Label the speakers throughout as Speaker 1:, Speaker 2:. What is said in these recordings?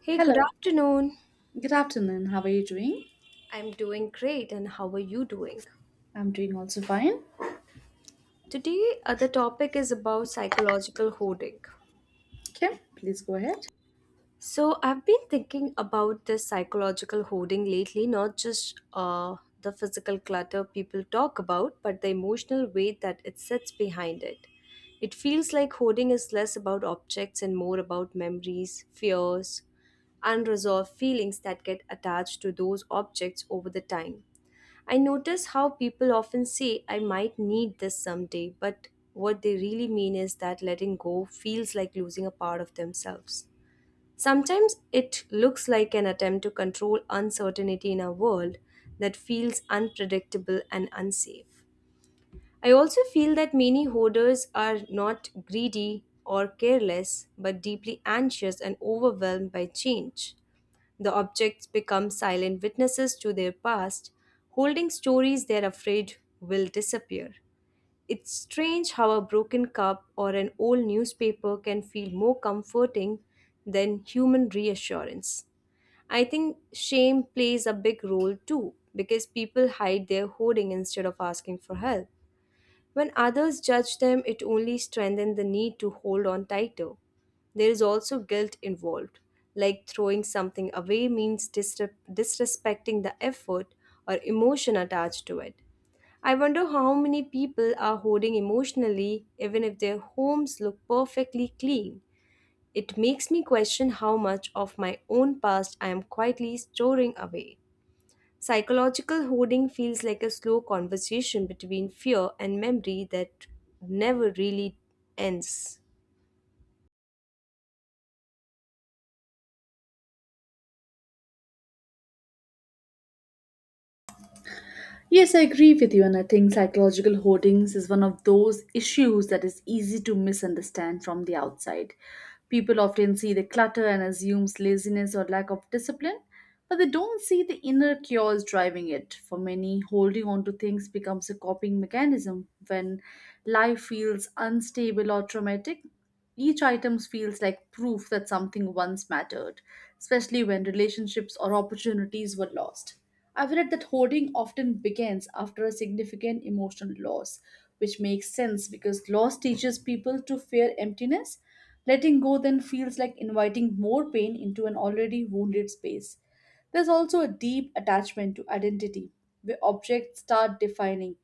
Speaker 1: Hey, good
Speaker 2: Hello,
Speaker 1: afternoon.
Speaker 2: good afternoon. How are you doing?
Speaker 1: I'm doing great, and how are you doing?
Speaker 2: I'm doing also fine.
Speaker 1: Today, the topic is about psychological hoarding.
Speaker 2: Okay, please go ahead.
Speaker 1: So, I've been thinking about this psychological hoarding lately, not just the physical clutter people talk about, but the emotional weight that it sits behind it. It feels like hoarding is less about objects and more about memories, fears, unresolved feelings that get attached to those objects over the time. I notice how people often say, I might need this someday, but what they really mean is that letting go feels like losing a part of themselves. Sometimes it looks like an attempt to control uncertainty in a world that feels unpredictable and unsafe. I also feel that many hoarders are not greedy or careless, but deeply anxious and overwhelmed by change. The objects become silent witnesses to their past, holding stories they're afraid will disappear. It's strange how a broken cup or an old newspaper can feel more comforting than human reassurance. I think shame plays a big role too, because people hide their hoarding instead of asking for help. When others judge them, it only strengthens the need to hold on tighter. There is also guilt involved, like throwing something away means disrespecting the effort or emotion attached to it. I wonder how many people are hoarding emotionally, even if their homes look perfectly clean. It makes me question how much of my own past I am quietly storing away. Psychological hoarding feels like a slow conversation between fear and memory that never really ends.
Speaker 2: Yes, I agree with you, and I think psychological hoardings is one of those issues that is easy to misunderstand from the outside. People often see the clutter and assumes laziness or lack of discipline, but they don't see the inner chaos driving it. For many, holding on to things becomes a coping mechanism when life feels unstable or traumatic. Each item feels like proof that something once mattered, especially when relationships or opportunities were lost. I've read that hoarding often begins after a significant emotional loss, which makes sense because loss teaches people to fear emptiness. Letting go then feels like inviting more pain into an already wounded space. There's also a deep attachment to identity, where objects start defining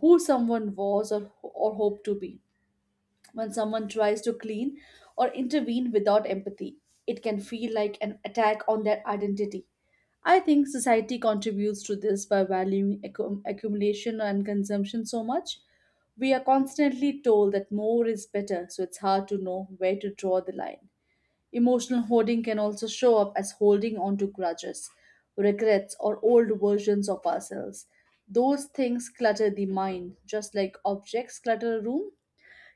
Speaker 2: who someone was or hoped to be. When someone tries to clean or intervene without empathy, it can feel like an attack on their identity. I think society contributes to this by valuing accumulation and consumption so much. We are constantly told that more is better, so it's hard to know where to draw the line. Emotional hoarding can also show up as holding on to grudges, regrets, or old versions of ourselves. Those things clutter the mind, just like objects clutter a room.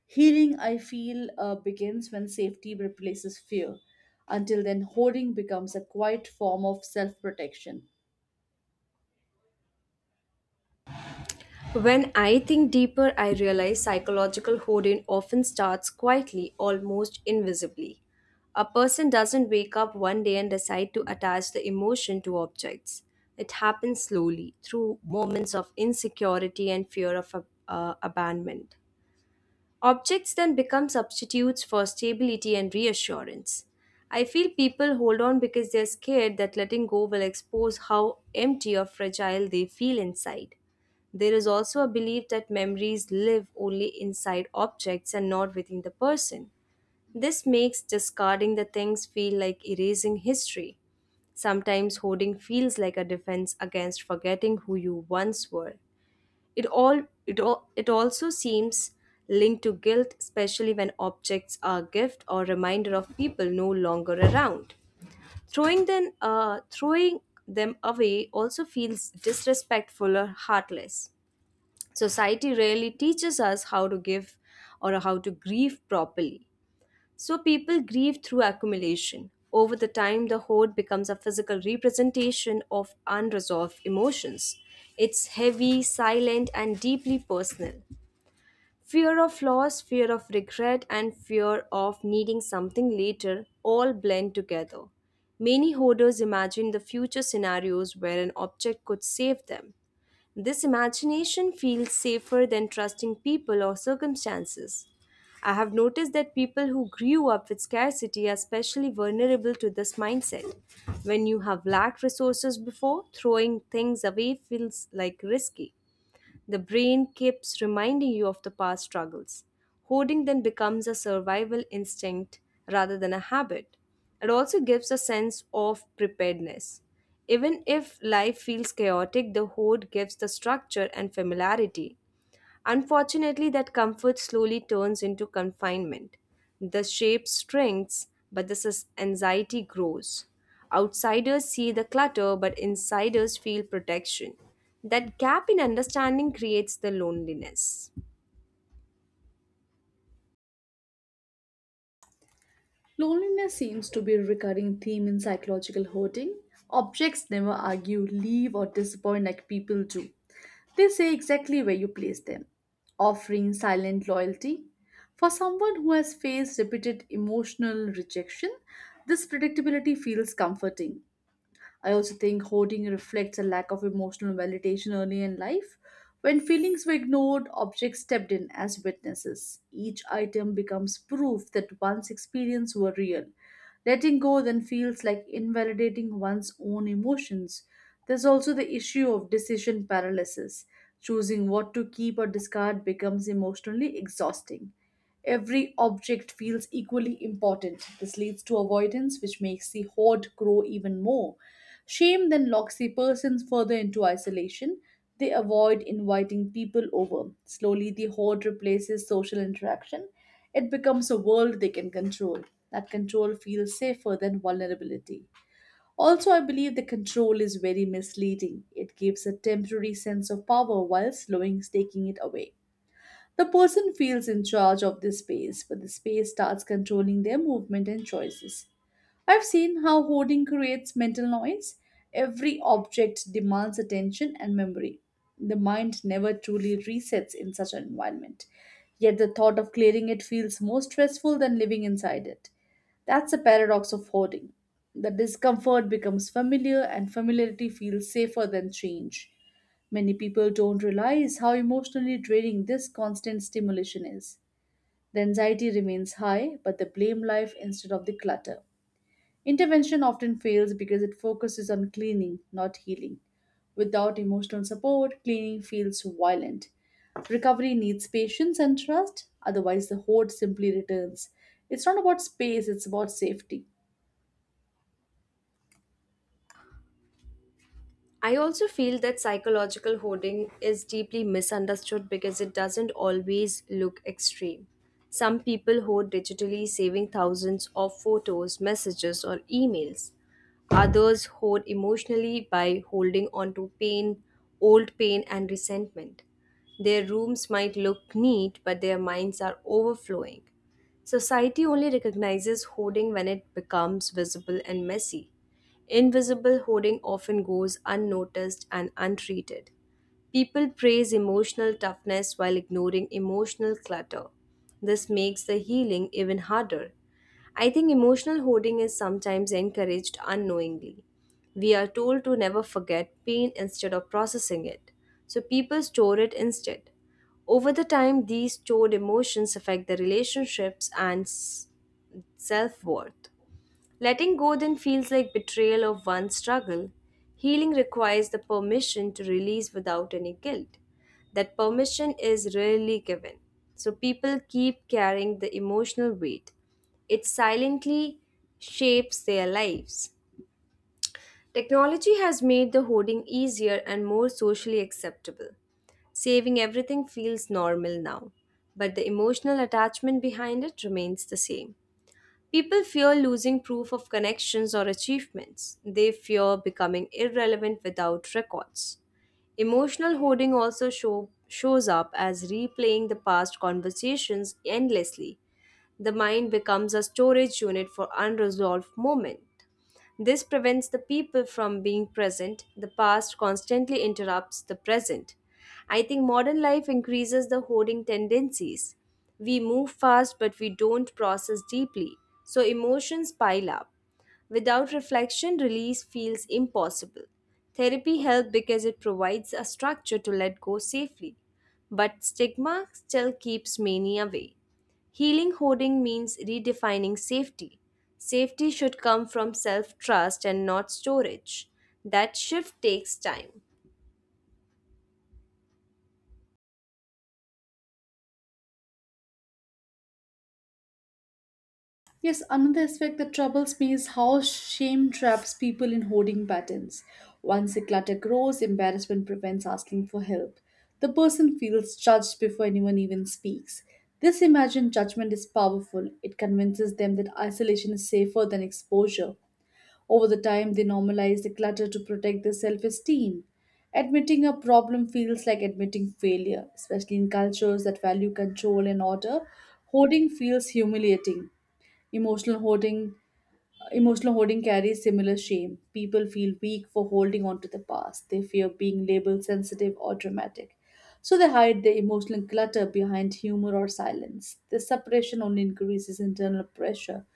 Speaker 2: Healing, I feel, begins when safety replaces fear. Until then, hoarding becomes a quiet form of self protection.
Speaker 1: When I think deeper, I realize psychological hoarding often starts quietly, almost invisibly. A person doesn't wake up one day and decide to attach the emotion to objects. It happens slowly, through moments of insecurity and fear of abandonment. Objects then become substitutes for stability and reassurance. I feel people hold on because they're scared that letting go will expose how empty or fragile they feel inside. There is also a belief that memories live only inside objects and not within the person. This makes discarding the things feel like erasing history. Sometimes hoarding feels like a defense against forgetting who you once were. It also seems linked to guilt, especially when objects are gift or reminder of people no longer around. Throwing them away also feels disrespectful or heartless. Society rarely teaches us how to give or how to grieve properly. So people grieve through accumulation. Over the time, the hoard becomes a physical representation of unresolved emotions. It's heavy, silent, and deeply personal. Fear of loss, fear of regret, and fear of needing something later all blend together. Many hoarders imagine the future scenarios where an object could save them. This imagination feels safer than trusting people or circumstances. I have noticed that people who grew up with scarcity are especially vulnerable to this mindset. When you have lacked resources before, throwing things away feels like risky. The brain keeps reminding you of the past struggles. Hoarding then becomes a survival instinct rather than a habit. It also gives a sense of preparedness. Even if life feels chaotic, the hoard gives the structure and familiarity. Unfortunately, that comfort slowly turns into confinement. The shape shrinks, but the anxiety grows. Outsiders see the clutter, but insiders feel protection. That gap in understanding creates the loneliness.
Speaker 2: Loneliness seems to be a recurring theme in psychological hoarding. Objects never argue, leave, or disappoint like people do. They say exactly where you place them, offering silent loyalty. For someone who has faced repeated emotional rejection, this predictability feels comforting. I also think hoarding reflects a lack of emotional validation early in life. When feelings were ignored, objects stepped in as witnesses. Each item becomes proof that one's experience were real. Letting go then feels like invalidating one's own emotions. There's also the issue of decision paralysis. Choosing what to keep or discard becomes emotionally exhausting. Every object feels equally important. This leads to avoidance, which makes the hoard grow even more. Shame then locks the persons further into isolation. They avoid inviting people over. Slowly, the hoard replaces social interaction. It becomes a world they can control. That control feels safer than vulnerability. Also, I believe the control is very misleading. It gives a temporary sense of power while slowing taking it away. The person feels in charge of this space, but the space starts controlling their movement and choices. I've seen how hoarding creates mental noise. Every object demands attention and memory. The mind never truly resets in such an environment. Yet the thought of clearing it feels more stressful than living inside it. That's the paradox of hoarding. The discomfort becomes familiar, and familiarity feels safer than change. Many people don't realize how emotionally draining this constant stimulation is. The anxiety remains high, but they blame life instead of the clutter. Intervention often fails because it focuses on cleaning, not healing. Without emotional support, cleaning feels violent. Recovery needs patience and trust; otherwise, the hoard simply returns. It's not about space, it's about safety.
Speaker 1: I also feel that psychological hoarding is deeply misunderstood because it doesn't always look extreme. Some people hoard digitally, saving thousands of photos, messages, or emails. Others hoard emotionally by holding on to pain, old pain, and resentment. Their rooms might look neat, but their minds are overflowing. Society only recognizes hoarding when it becomes visible and messy. Invisible hoarding often goes unnoticed and untreated. People praise emotional toughness while ignoring emotional clutter. This makes the healing even harder. I think emotional hoarding is sometimes encouraged unknowingly. We are told to never forget pain instead of processing it, so people store it instead. Over the time, these stored emotions affect the relationships and self worth. Letting go then feels like betrayal of one's struggle. Healing requires the permission to release without any guilt. That permission is rarely given. So people keep carrying the emotional weight. It silently shapes their lives. Technology has made the hoarding easier and more socially acceptable. Saving everything feels normal now, but the emotional attachment behind it remains the same. People fear losing proof of connections or achievements. They fear becoming irrelevant without records. Emotional hoarding also shows up as replaying the past conversations endlessly. The mind becomes a storage unit for unresolved moments. This prevents the people from being present. The past constantly interrupts the present. I think modern life increases the hoarding tendencies. We move fast, but we don't process deeply, so emotions pile up. Without reflection, release feels impossible. Therapy helps because it provides a structure to let go safely, but stigma still keeps many away. Healing hoarding means redefining safety. Safety should come from self trust and not storage. That shift takes time.
Speaker 2: Yes, another aspect that troubles me is how shame traps people in hoarding patterns. Once the clutter grows, embarrassment prevents asking for help. The person feels judged before anyone even speaks. This imagined judgment is powerful. It convinces them that isolation is safer than exposure. Over the time, they normalize the clutter to protect their self esteem. Admitting a problem feels like admitting failure, especially in cultures that value control and order. Hoarding feels humiliating. Emotional hoarding Emotional hoarding carries similar shame. People feel weak for holding on to the past. They fear being labeled sensitive or dramatic. So they hide their emotional clutter behind humor or silence. This suppression only increases internal pressure.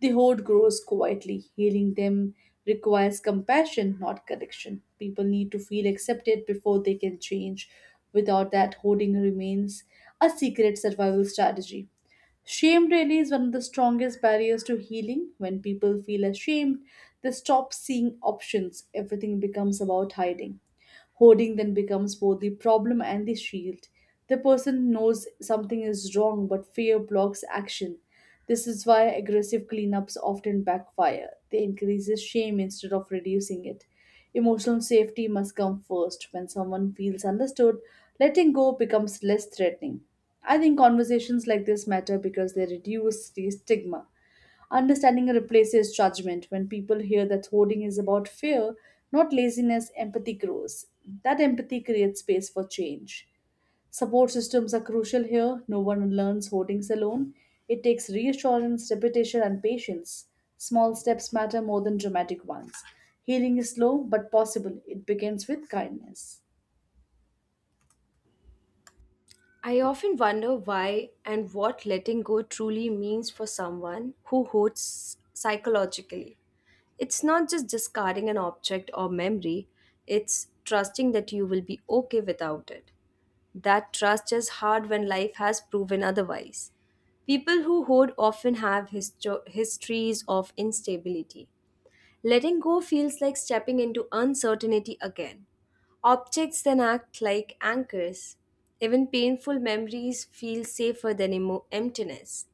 Speaker 2: The hoard grows quietly. Healing them requires compassion, not correction. People need to feel accepted before they can change. Without that, hoarding remains a secret survival strategy. Shame really is one of the strongest barriers to healing. When people feel ashamed, they stop seeing options. Everything becomes about hiding. Hoarding then becomes both the problem and the shield. The person knows something is wrong, but fear blocks action. This is why aggressive cleanups often backfire. They increases shame instead of reducing it. Emotional safety must come first. When someone feels understood, letting go becomes less threatening. I think conversations like this matter because they reduce the stigma. Understanding replaces judgment. When people hear that hoarding is about fear, not laziness, empathy grows. That empathy creates space for change. Support systems are crucial here. No one learns hoardings alone. It takes reassurance, repetition, and patience. Small steps matter more than dramatic ones. Healing is slow but possible. It begins with kindness.
Speaker 1: I often wonder why and what letting go truly means for someone who hoards psychologically. It's not just discarding an object or memory, it's trusting that you will be okay without it. That trust is hard when life has proven otherwise. People who hoard often have histories of instability. Letting go feels like stepping into uncertainty again. Objects then act like anchors. Even painful memories feel safer than emptiness.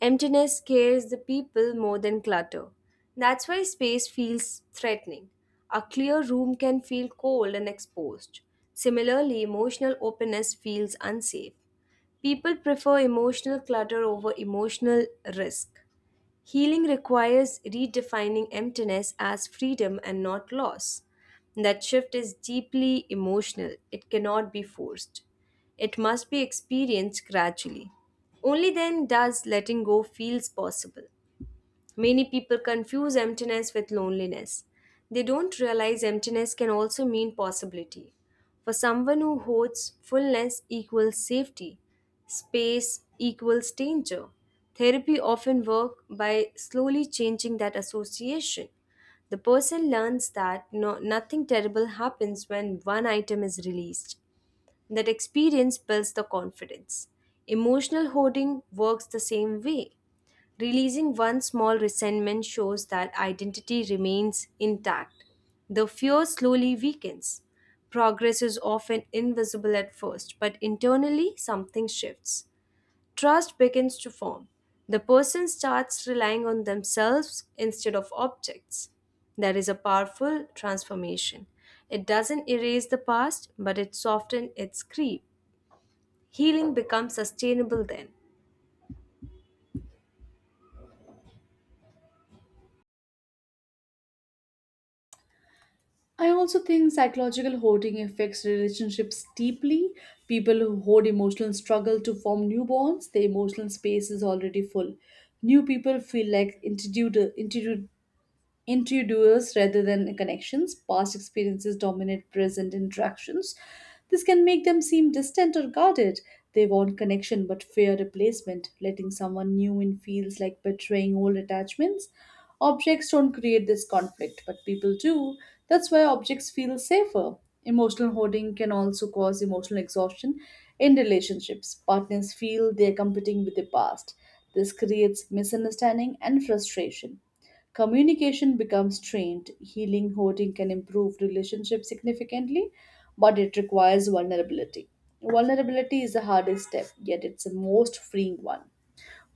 Speaker 1: Emptiness scares the people more than clutter. That's why space feels threatening. A clear room can feel cold and exposed. Similarly, emotional openness feels unsafe. People prefer emotional clutter over emotional risk. Healing requires redefining emptiness as freedom and not loss. That shift is deeply emotional, it cannot be forced. It must be experienced gradually. Only then does letting go feels possible. Many people confuse emptiness with loneliness. They don't realize emptiness can also mean possibility. For someone who holds fullness equals safety, space equals danger. Therapy often works by slowly changing that association. The person learns that nothing terrible happens when one item is released. That experience builds the confidence. Emotional hoarding works the same way. Releasing one small resentment shows that identity remains intact. The fear slowly weakens. Progress is often invisible at first, but internally something shifts. Trust begins to form. The person starts relying on themselves instead of objects. That is a powerful transformation. It doesn't erase the past, but it softens its grief. Healing becomes sustainable then.
Speaker 2: I also think psychological hoarding affects relationships deeply. People who hoard emotional struggle to form new bonds, their emotional space is already full. New people feel like intruded, into duels rather than connections. Past experiences dominate present interactions. This can make them seem distant or guarded. They want connection but fear replacement. Letting someone new in feels like betraying old attachments. Objects don't create this conflict, but people do. That's why objects feel safer. Emotional hoarding can also cause emotional exhaustion in relationships. Partners feel they're competing with the past. This creates misunderstanding and frustration. Communication becomes trained, healing hoarding can improve relationships significantly, but it requires vulnerability. Vulnerability is the hardest step, yet it's the most freeing one.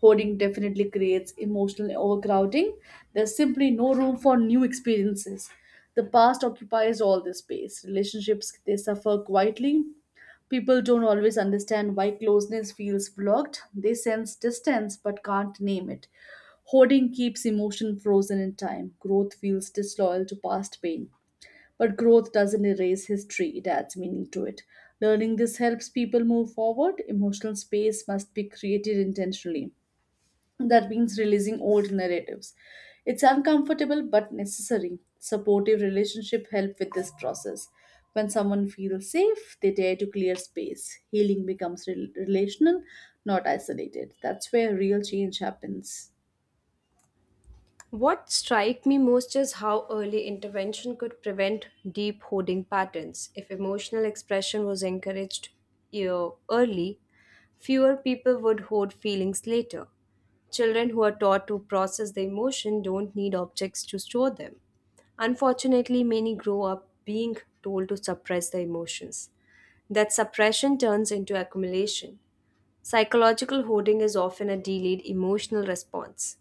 Speaker 2: Hoarding definitely creates emotional overcrowding. There's simply no room for new experiences. The past occupies all the space. Relationships they suffer quietly. People don't always understand why closeness feels blocked. They sense distance but can't name it. Hoarding keeps emotion frozen in time. Growth feels disloyal to past pain. But growth doesn't erase history, it adds meaning to it. Learning this helps people move forward. Emotional space must be created intentionally. That means releasing old narratives. It's uncomfortable but necessary. Supportive relationship help with this process. When someone feels safe, they dare to clear space. Healing becomes relational, not isolated. That's where real change happens.
Speaker 1: What strikes me most is how early intervention could prevent deep hoarding patterns. If emotional expression was encouraged early, fewer people would hoard feelings later. Children who are taught to process the emotion don't need objects to store them. Unfortunately, many grow up being told to suppress their emotions. That suppression turns into accumulation. Psychological hoarding is often a delayed emotional response.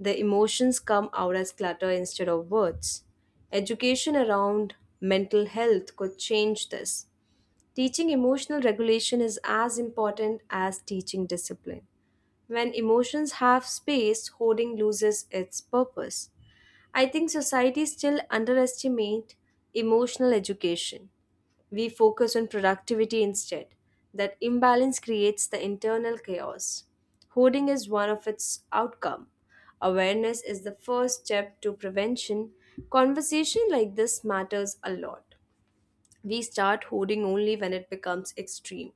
Speaker 1: The emotions come out as clutter instead of words. Education around mental health could change this. Teaching emotional regulation is as important as teaching discipline. When emotions have space, hoarding loses its purpose. I think society still underestimate emotional education. We focus on productivity instead. That imbalance creates the internal chaos. Hoarding is one of its outcome. Awareness is the first step to prevention. Conversation like this matters a lot. We start hoarding only when it becomes extreme.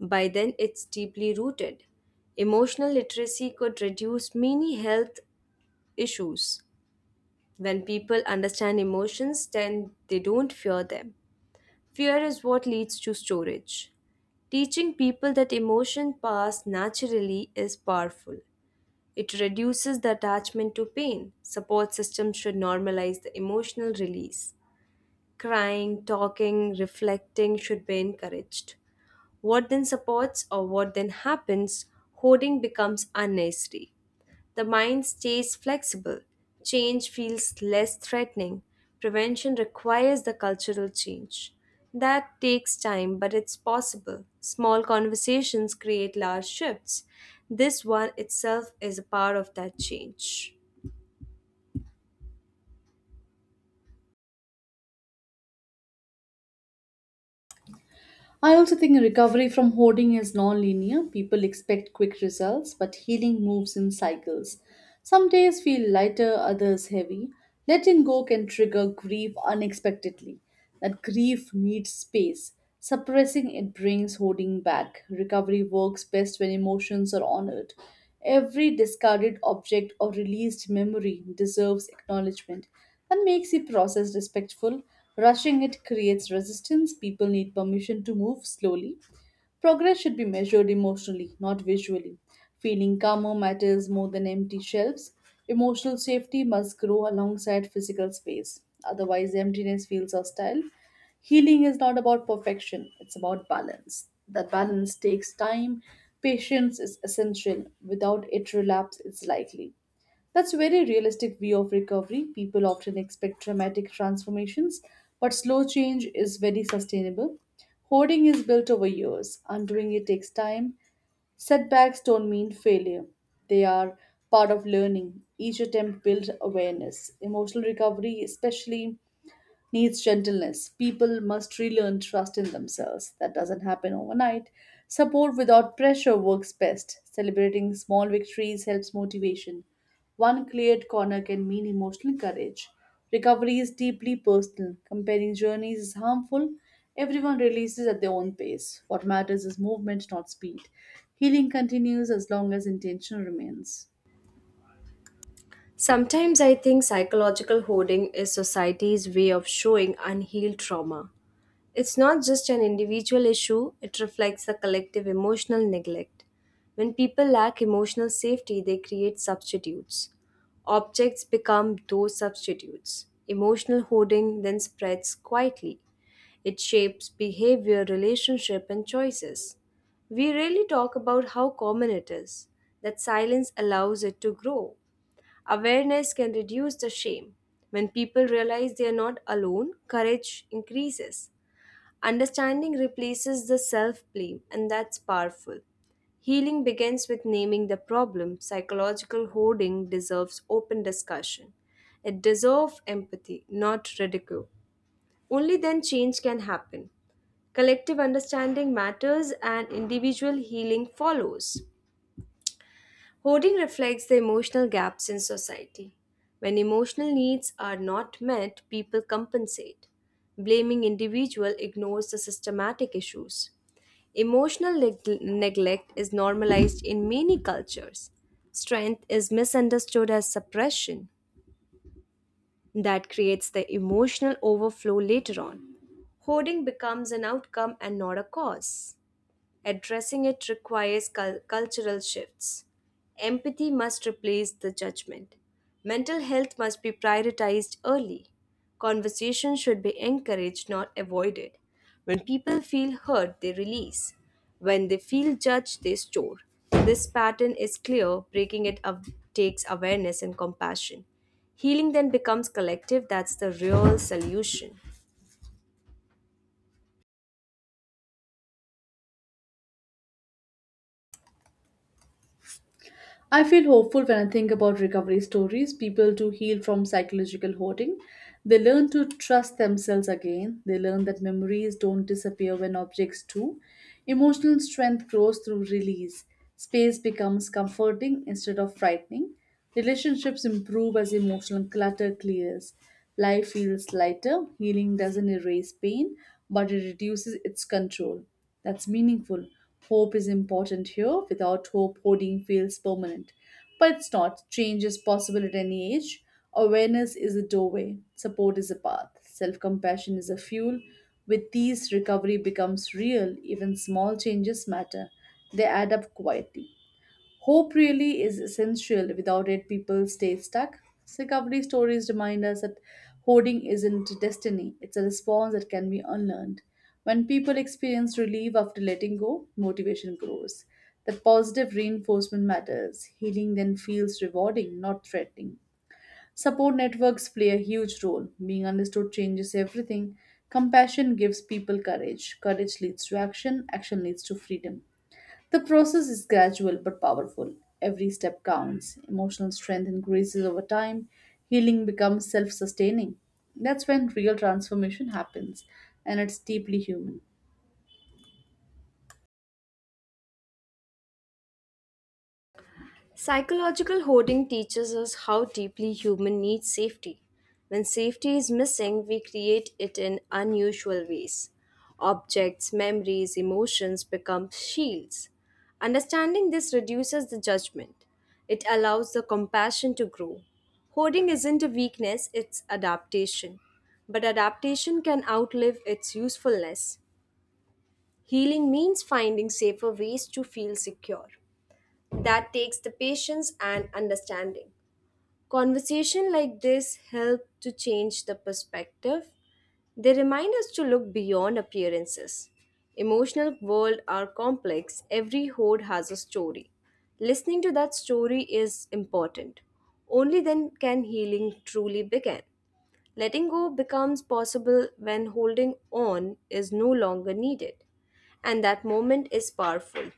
Speaker 1: By then, it's deeply rooted. Emotional literacy could reduce many health issues. When people understand emotions, then they don't fear them. Fear is what leads to storage. Teaching people that emotion pass naturally is powerful. It reduces the attachment to pain. Support systems should normalize the emotional release. Crying, talking, reflecting should be encouraged. What then happens, hoarding becomes unnecessary. The mind stays flexible. Change feels less threatening. Prevention requires the cultural change. That takes time, but it's possible. Small conversations create large shifts. This one itself is a part of that change.
Speaker 2: I also think recovery from hoarding is non-linear. People expect quick results, but healing moves in cycles. Some days feel lighter, others heavy. Letting go can trigger grief unexpectedly. That grief needs space. Suppressing it brings hoarding back. Recovery works best when emotions are honored. Every discarded object or released memory deserves acknowledgement. That makes the process respectful. Rushing it creates resistance. People need permission to move slowly. Progress should be measured emotionally, not visually. Feeling calmer matters more than empty shelves. Emotional safety must grow alongside physical space. Otherwise, emptiness feels hostile. Healing is not about perfection, it's about balance. That balance takes time. Patience is essential. Without it, relapse is likely. That's a very realistic view of recovery. People often expect dramatic transformations, but slow change is very sustainable. Hoarding is built over years, undoing it takes time. Setbacks don't mean failure, they are part of learning. Each attempt builds awareness. Emotional recovery, especially, needs gentleness. People must relearn trust in themselves. That doesn't happen overnight. Support without pressure works best. Celebrating small victories helps motivation. One cleared corner can mean emotional courage. Recovery is deeply personal. Comparing journeys is harmful. Everyone releases at their own pace. What matters is movement, not speed. Healing continues as long as intention remains.
Speaker 1: Sometimes I think psychological hoarding is society's way of showing unhealed trauma. It's not just an individual issue, it reflects a collective emotional neglect. When people lack emotional safety, they create substitutes. Objects become those substitutes. Emotional hoarding then spreads quietly. It shapes behavior, relationship, and choices. We rarely talk about how common it is, that silence allows it to grow. Awareness can reduce the shame. When people realize they are not alone, courage increases. Understanding replaces the self blame, and that's powerful. Healing begins with naming the problem. Psychological hoarding deserves open discussion. It deserves empathy, not ridicule. Only then change can happen. Collective understanding matters and individual healing follows. Hoarding reflects the emotional gaps in society. When emotional needs are not met, people compensate. Blaming individual ignores the systematic issues. Emotional neglect is normalized in many cultures. Strength is misunderstood as suppression. That creates the emotional overflow later on. Hoarding becomes an outcome and not a cause. Addressing it requires cultural shifts. Empathy must replace the judgment. Mental health must be prioritized early. Conversation should be encouraged, not avoided. When people feel hurt, they release. When they feel judged, they store. This pattern is clear. Breaking it up takes awareness and compassion. Healing then becomes collective. That's the real solution.
Speaker 2: I feel hopeful when I think about recovery stories. People do heal from psychological hoarding. They learn to trust themselves again. They learn that memories don't disappear when objects do. Emotional strength grows through release. Space becomes comforting instead of frightening. Relationships improve as emotional clutter clears. Life feels lighter. Healing doesn't erase pain, but it reduces its control. That's meaningful. Hope is important here. Without hope, hoarding feels permanent. But it's not. Change is possible at any age. Awareness is a doorway, support is a path, self compassion is a fuel. With these, recovery becomes real. Even small changes matter, they add up quietly. Hope really is essential. Without it, people stay stuck. Recovery stories remind us that hoarding isn't destiny, it's a response that can be unlearned. When people experience relief after letting go, motivation grows. That positive reinforcement matters. Healing then feels rewarding, not threatening. Support networks play a huge role. Being understood changes everything. Compassion gives people courage. Courage leads to action. Action leads to freedom. The process is gradual but powerful. Every step counts. Emotional strength increases over time. Healing becomes self sustaining. That's when real transformation happens, and it's deeply human.
Speaker 1: Psychological hoarding teaches us how deeply human needs safety. When safety is missing, we create it in unusual ways. Objects, memories, emotions become shields. Understanding this reduces the judgment. It allows the compassion to grow. Hoarding isn't a weakness, it's adaptation. But adaptation can outlive its usefulness. Healing means finding safer ways to feel secure that takes the patience and understanding. Conversation like this help to change the perspective. They remind us to look beyond appearances. Emotional world are complex. Every hoard has a story. Listening to that story is important. Only then can healing truly begin. Letting go becomes possible when holding on is no longer needed. And that moment is powerful.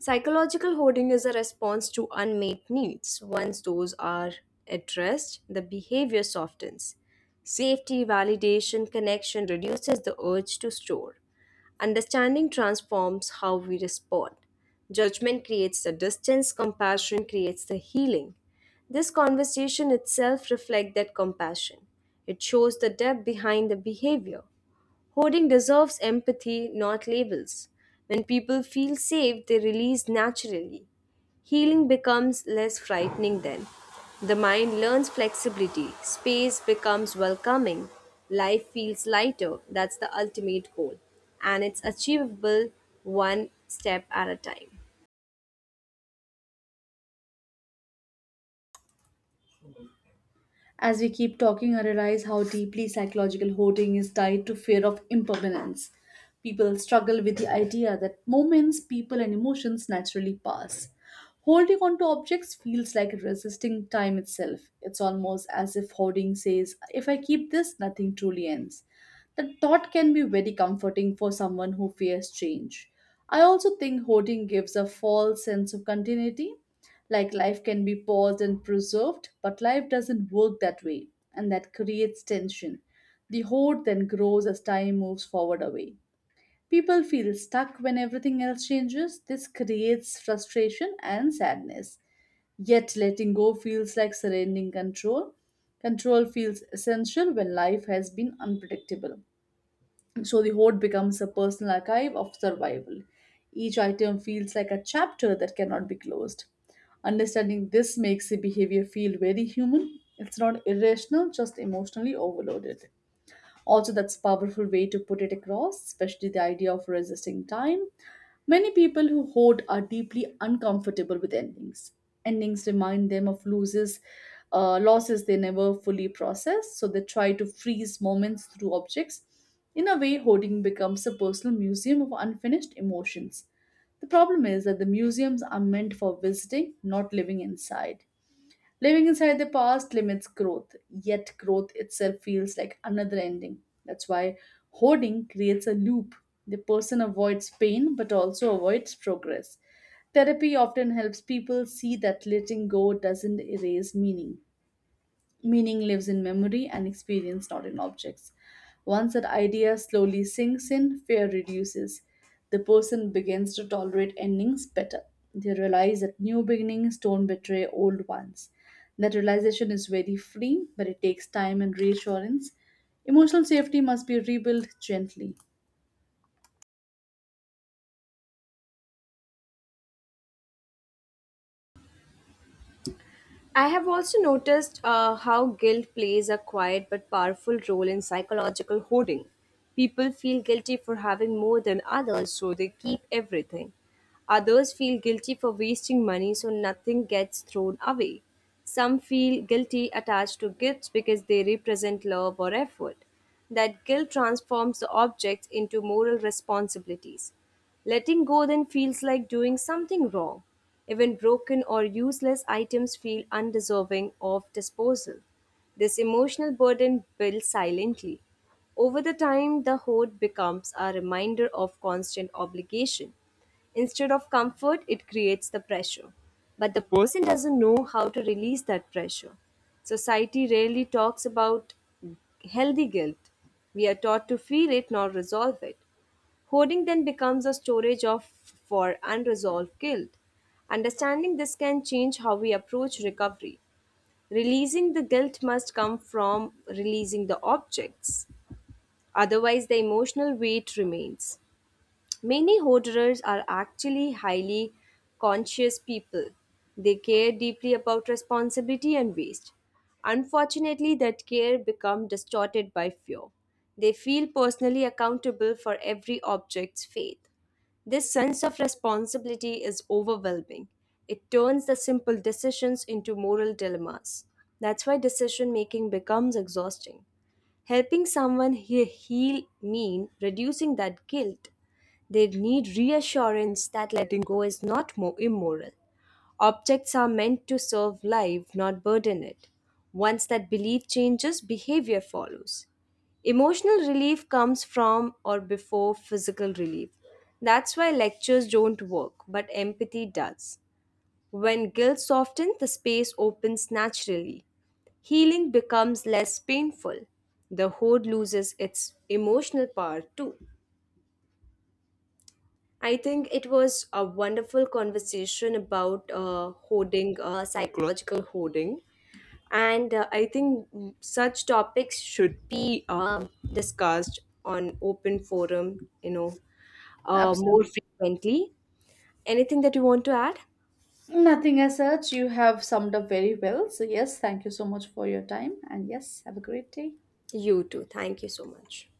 Speaker 1: Psychological hoarding is a response to unmet needs. Once those are addressed, the behavior softens. Safety, validation, connection reduces the urge to store. Understanding transforms how we respond. Judgment creates the distance, compassion creates the healing. This conversation itself reflects that compassion. It shows the depth behind the behavior. Hoarding deserves empathy, not labels. When people feel safe, they release naturally. Healing becomes less frightening then. The mind learns flexibility, space becomes welcoming, life feels lighter. That's the ultimate goal, and it's achievable one step at a time.
Speaker 2: As we keep talking, I realize how deeply psychological hoarding is tied to fear of impermanence. People struggle with the idea that moments, people, and emotions naturally pass. Holding on to objects feels like resisting time itself. It's almost as if hoarding says, if I keep this, nothing truly ends. The thought can be very comforting for someone who fears change. I also think hoarding gives a false sense of continuity. Like life can be paused and preserved, but life doesn't work that way, and that creates tension. The hoard then grows as time moves forward away. People feel stuck when everything else changes. This creates frustration and sadness. Yet letting go feels like surrendering control. Control feels essential when life has been unpredictable. So the hoard becomes a personal archive of survival. Each item feels like a chapter that cannot be closed. Understanding this makes the behavior feel very human. It's not irrational, just emotionally overloaded. Also, that's a powerful way to put it across, especially the idea of resisting time. Many people who hoard are deeply uncomfortable with endings. Endings remind them of losses they never fully process, so they try to freeze moments through objects. In a way, hoarding becomes a personal museum of unfinished emotions. The problem is that the museums are meant for visiting, not living inside. Living inside the past limits growth, yet growth itself feels like another ending. That's why hoarding creates a loop. The person avoids pain but also avoids progress. Therapy often helps people see that letting go doesn't erase meaning. Meaning lives in memory and experience, not in objects. Once that idea slowly sinks in, fear reduces. The person begins to tolerate endings better. They realize that new beginnings don't betray old ones. That realization is very freeing, but it takes time and reassurance. Emotional safety must be rebuilt gently.
Speaker 1: I have also noticed how guilt plays a quiet but powerful role in psychological hoarding. People feel guilty for having more than others, so they keep everything. Others feel guilty for wasting money, so nothing gets thrown away. Some feel guilty attached to gifts because they represent love or effort. That guilt transforms the objects into moral responsibilities. Letting go then feels like doing something wrong. Even broken or useless items feel undeserving of disposal. This emotional burden builds silently. Over the time, the hoard becomes a reminder of constant obligation. Instead of comfort, it creates the pressure. But the person doesn't know how to release that pressure. Society rarely talks about healthy guilt. We are taught to feel it, not resolve it. Hoarding then becomes a storage of for unresolved guilt. Understanding this can change how we approach recovery. Releasing the guilt must come from releasing the objects. Otherwise, the emotional weight remains. Many hoarders are actually highly conscious people. They care deeply about responsibility and waste. Unfortunately, that care becomes distorted by fear. They feel personally accountable for every object's fate. This sense of responsibility is overwhelming. It turns the simple decisions into moral dilemmas. That's why decision making becomes exhausting. Helping heal mean reducing that guilt, they need reassurance that letting go is not more immoral. Objects are meant to serve life, not burden it. Once that belief changes, behavior follows. Emotional relief comes from or before physical relief. That's why lectures don't work, but empathy does. When guilt softens, the space opens naturally. Healing becomes less painful. The hoard loses its emotional power too. I think it was a wonderful conversation about hoarding, psychological hoarding. And I think such topics should be discussed on open forum, more
Speaker 2: Absolutely.
Speaker 1: frequently. Anything that you want to add?
Speaker 2: Nothing as such. You have summed up very well. So, yes, thank you so much for your time. And yes, have a great day.
Speaker 1: You too. Thank you so much.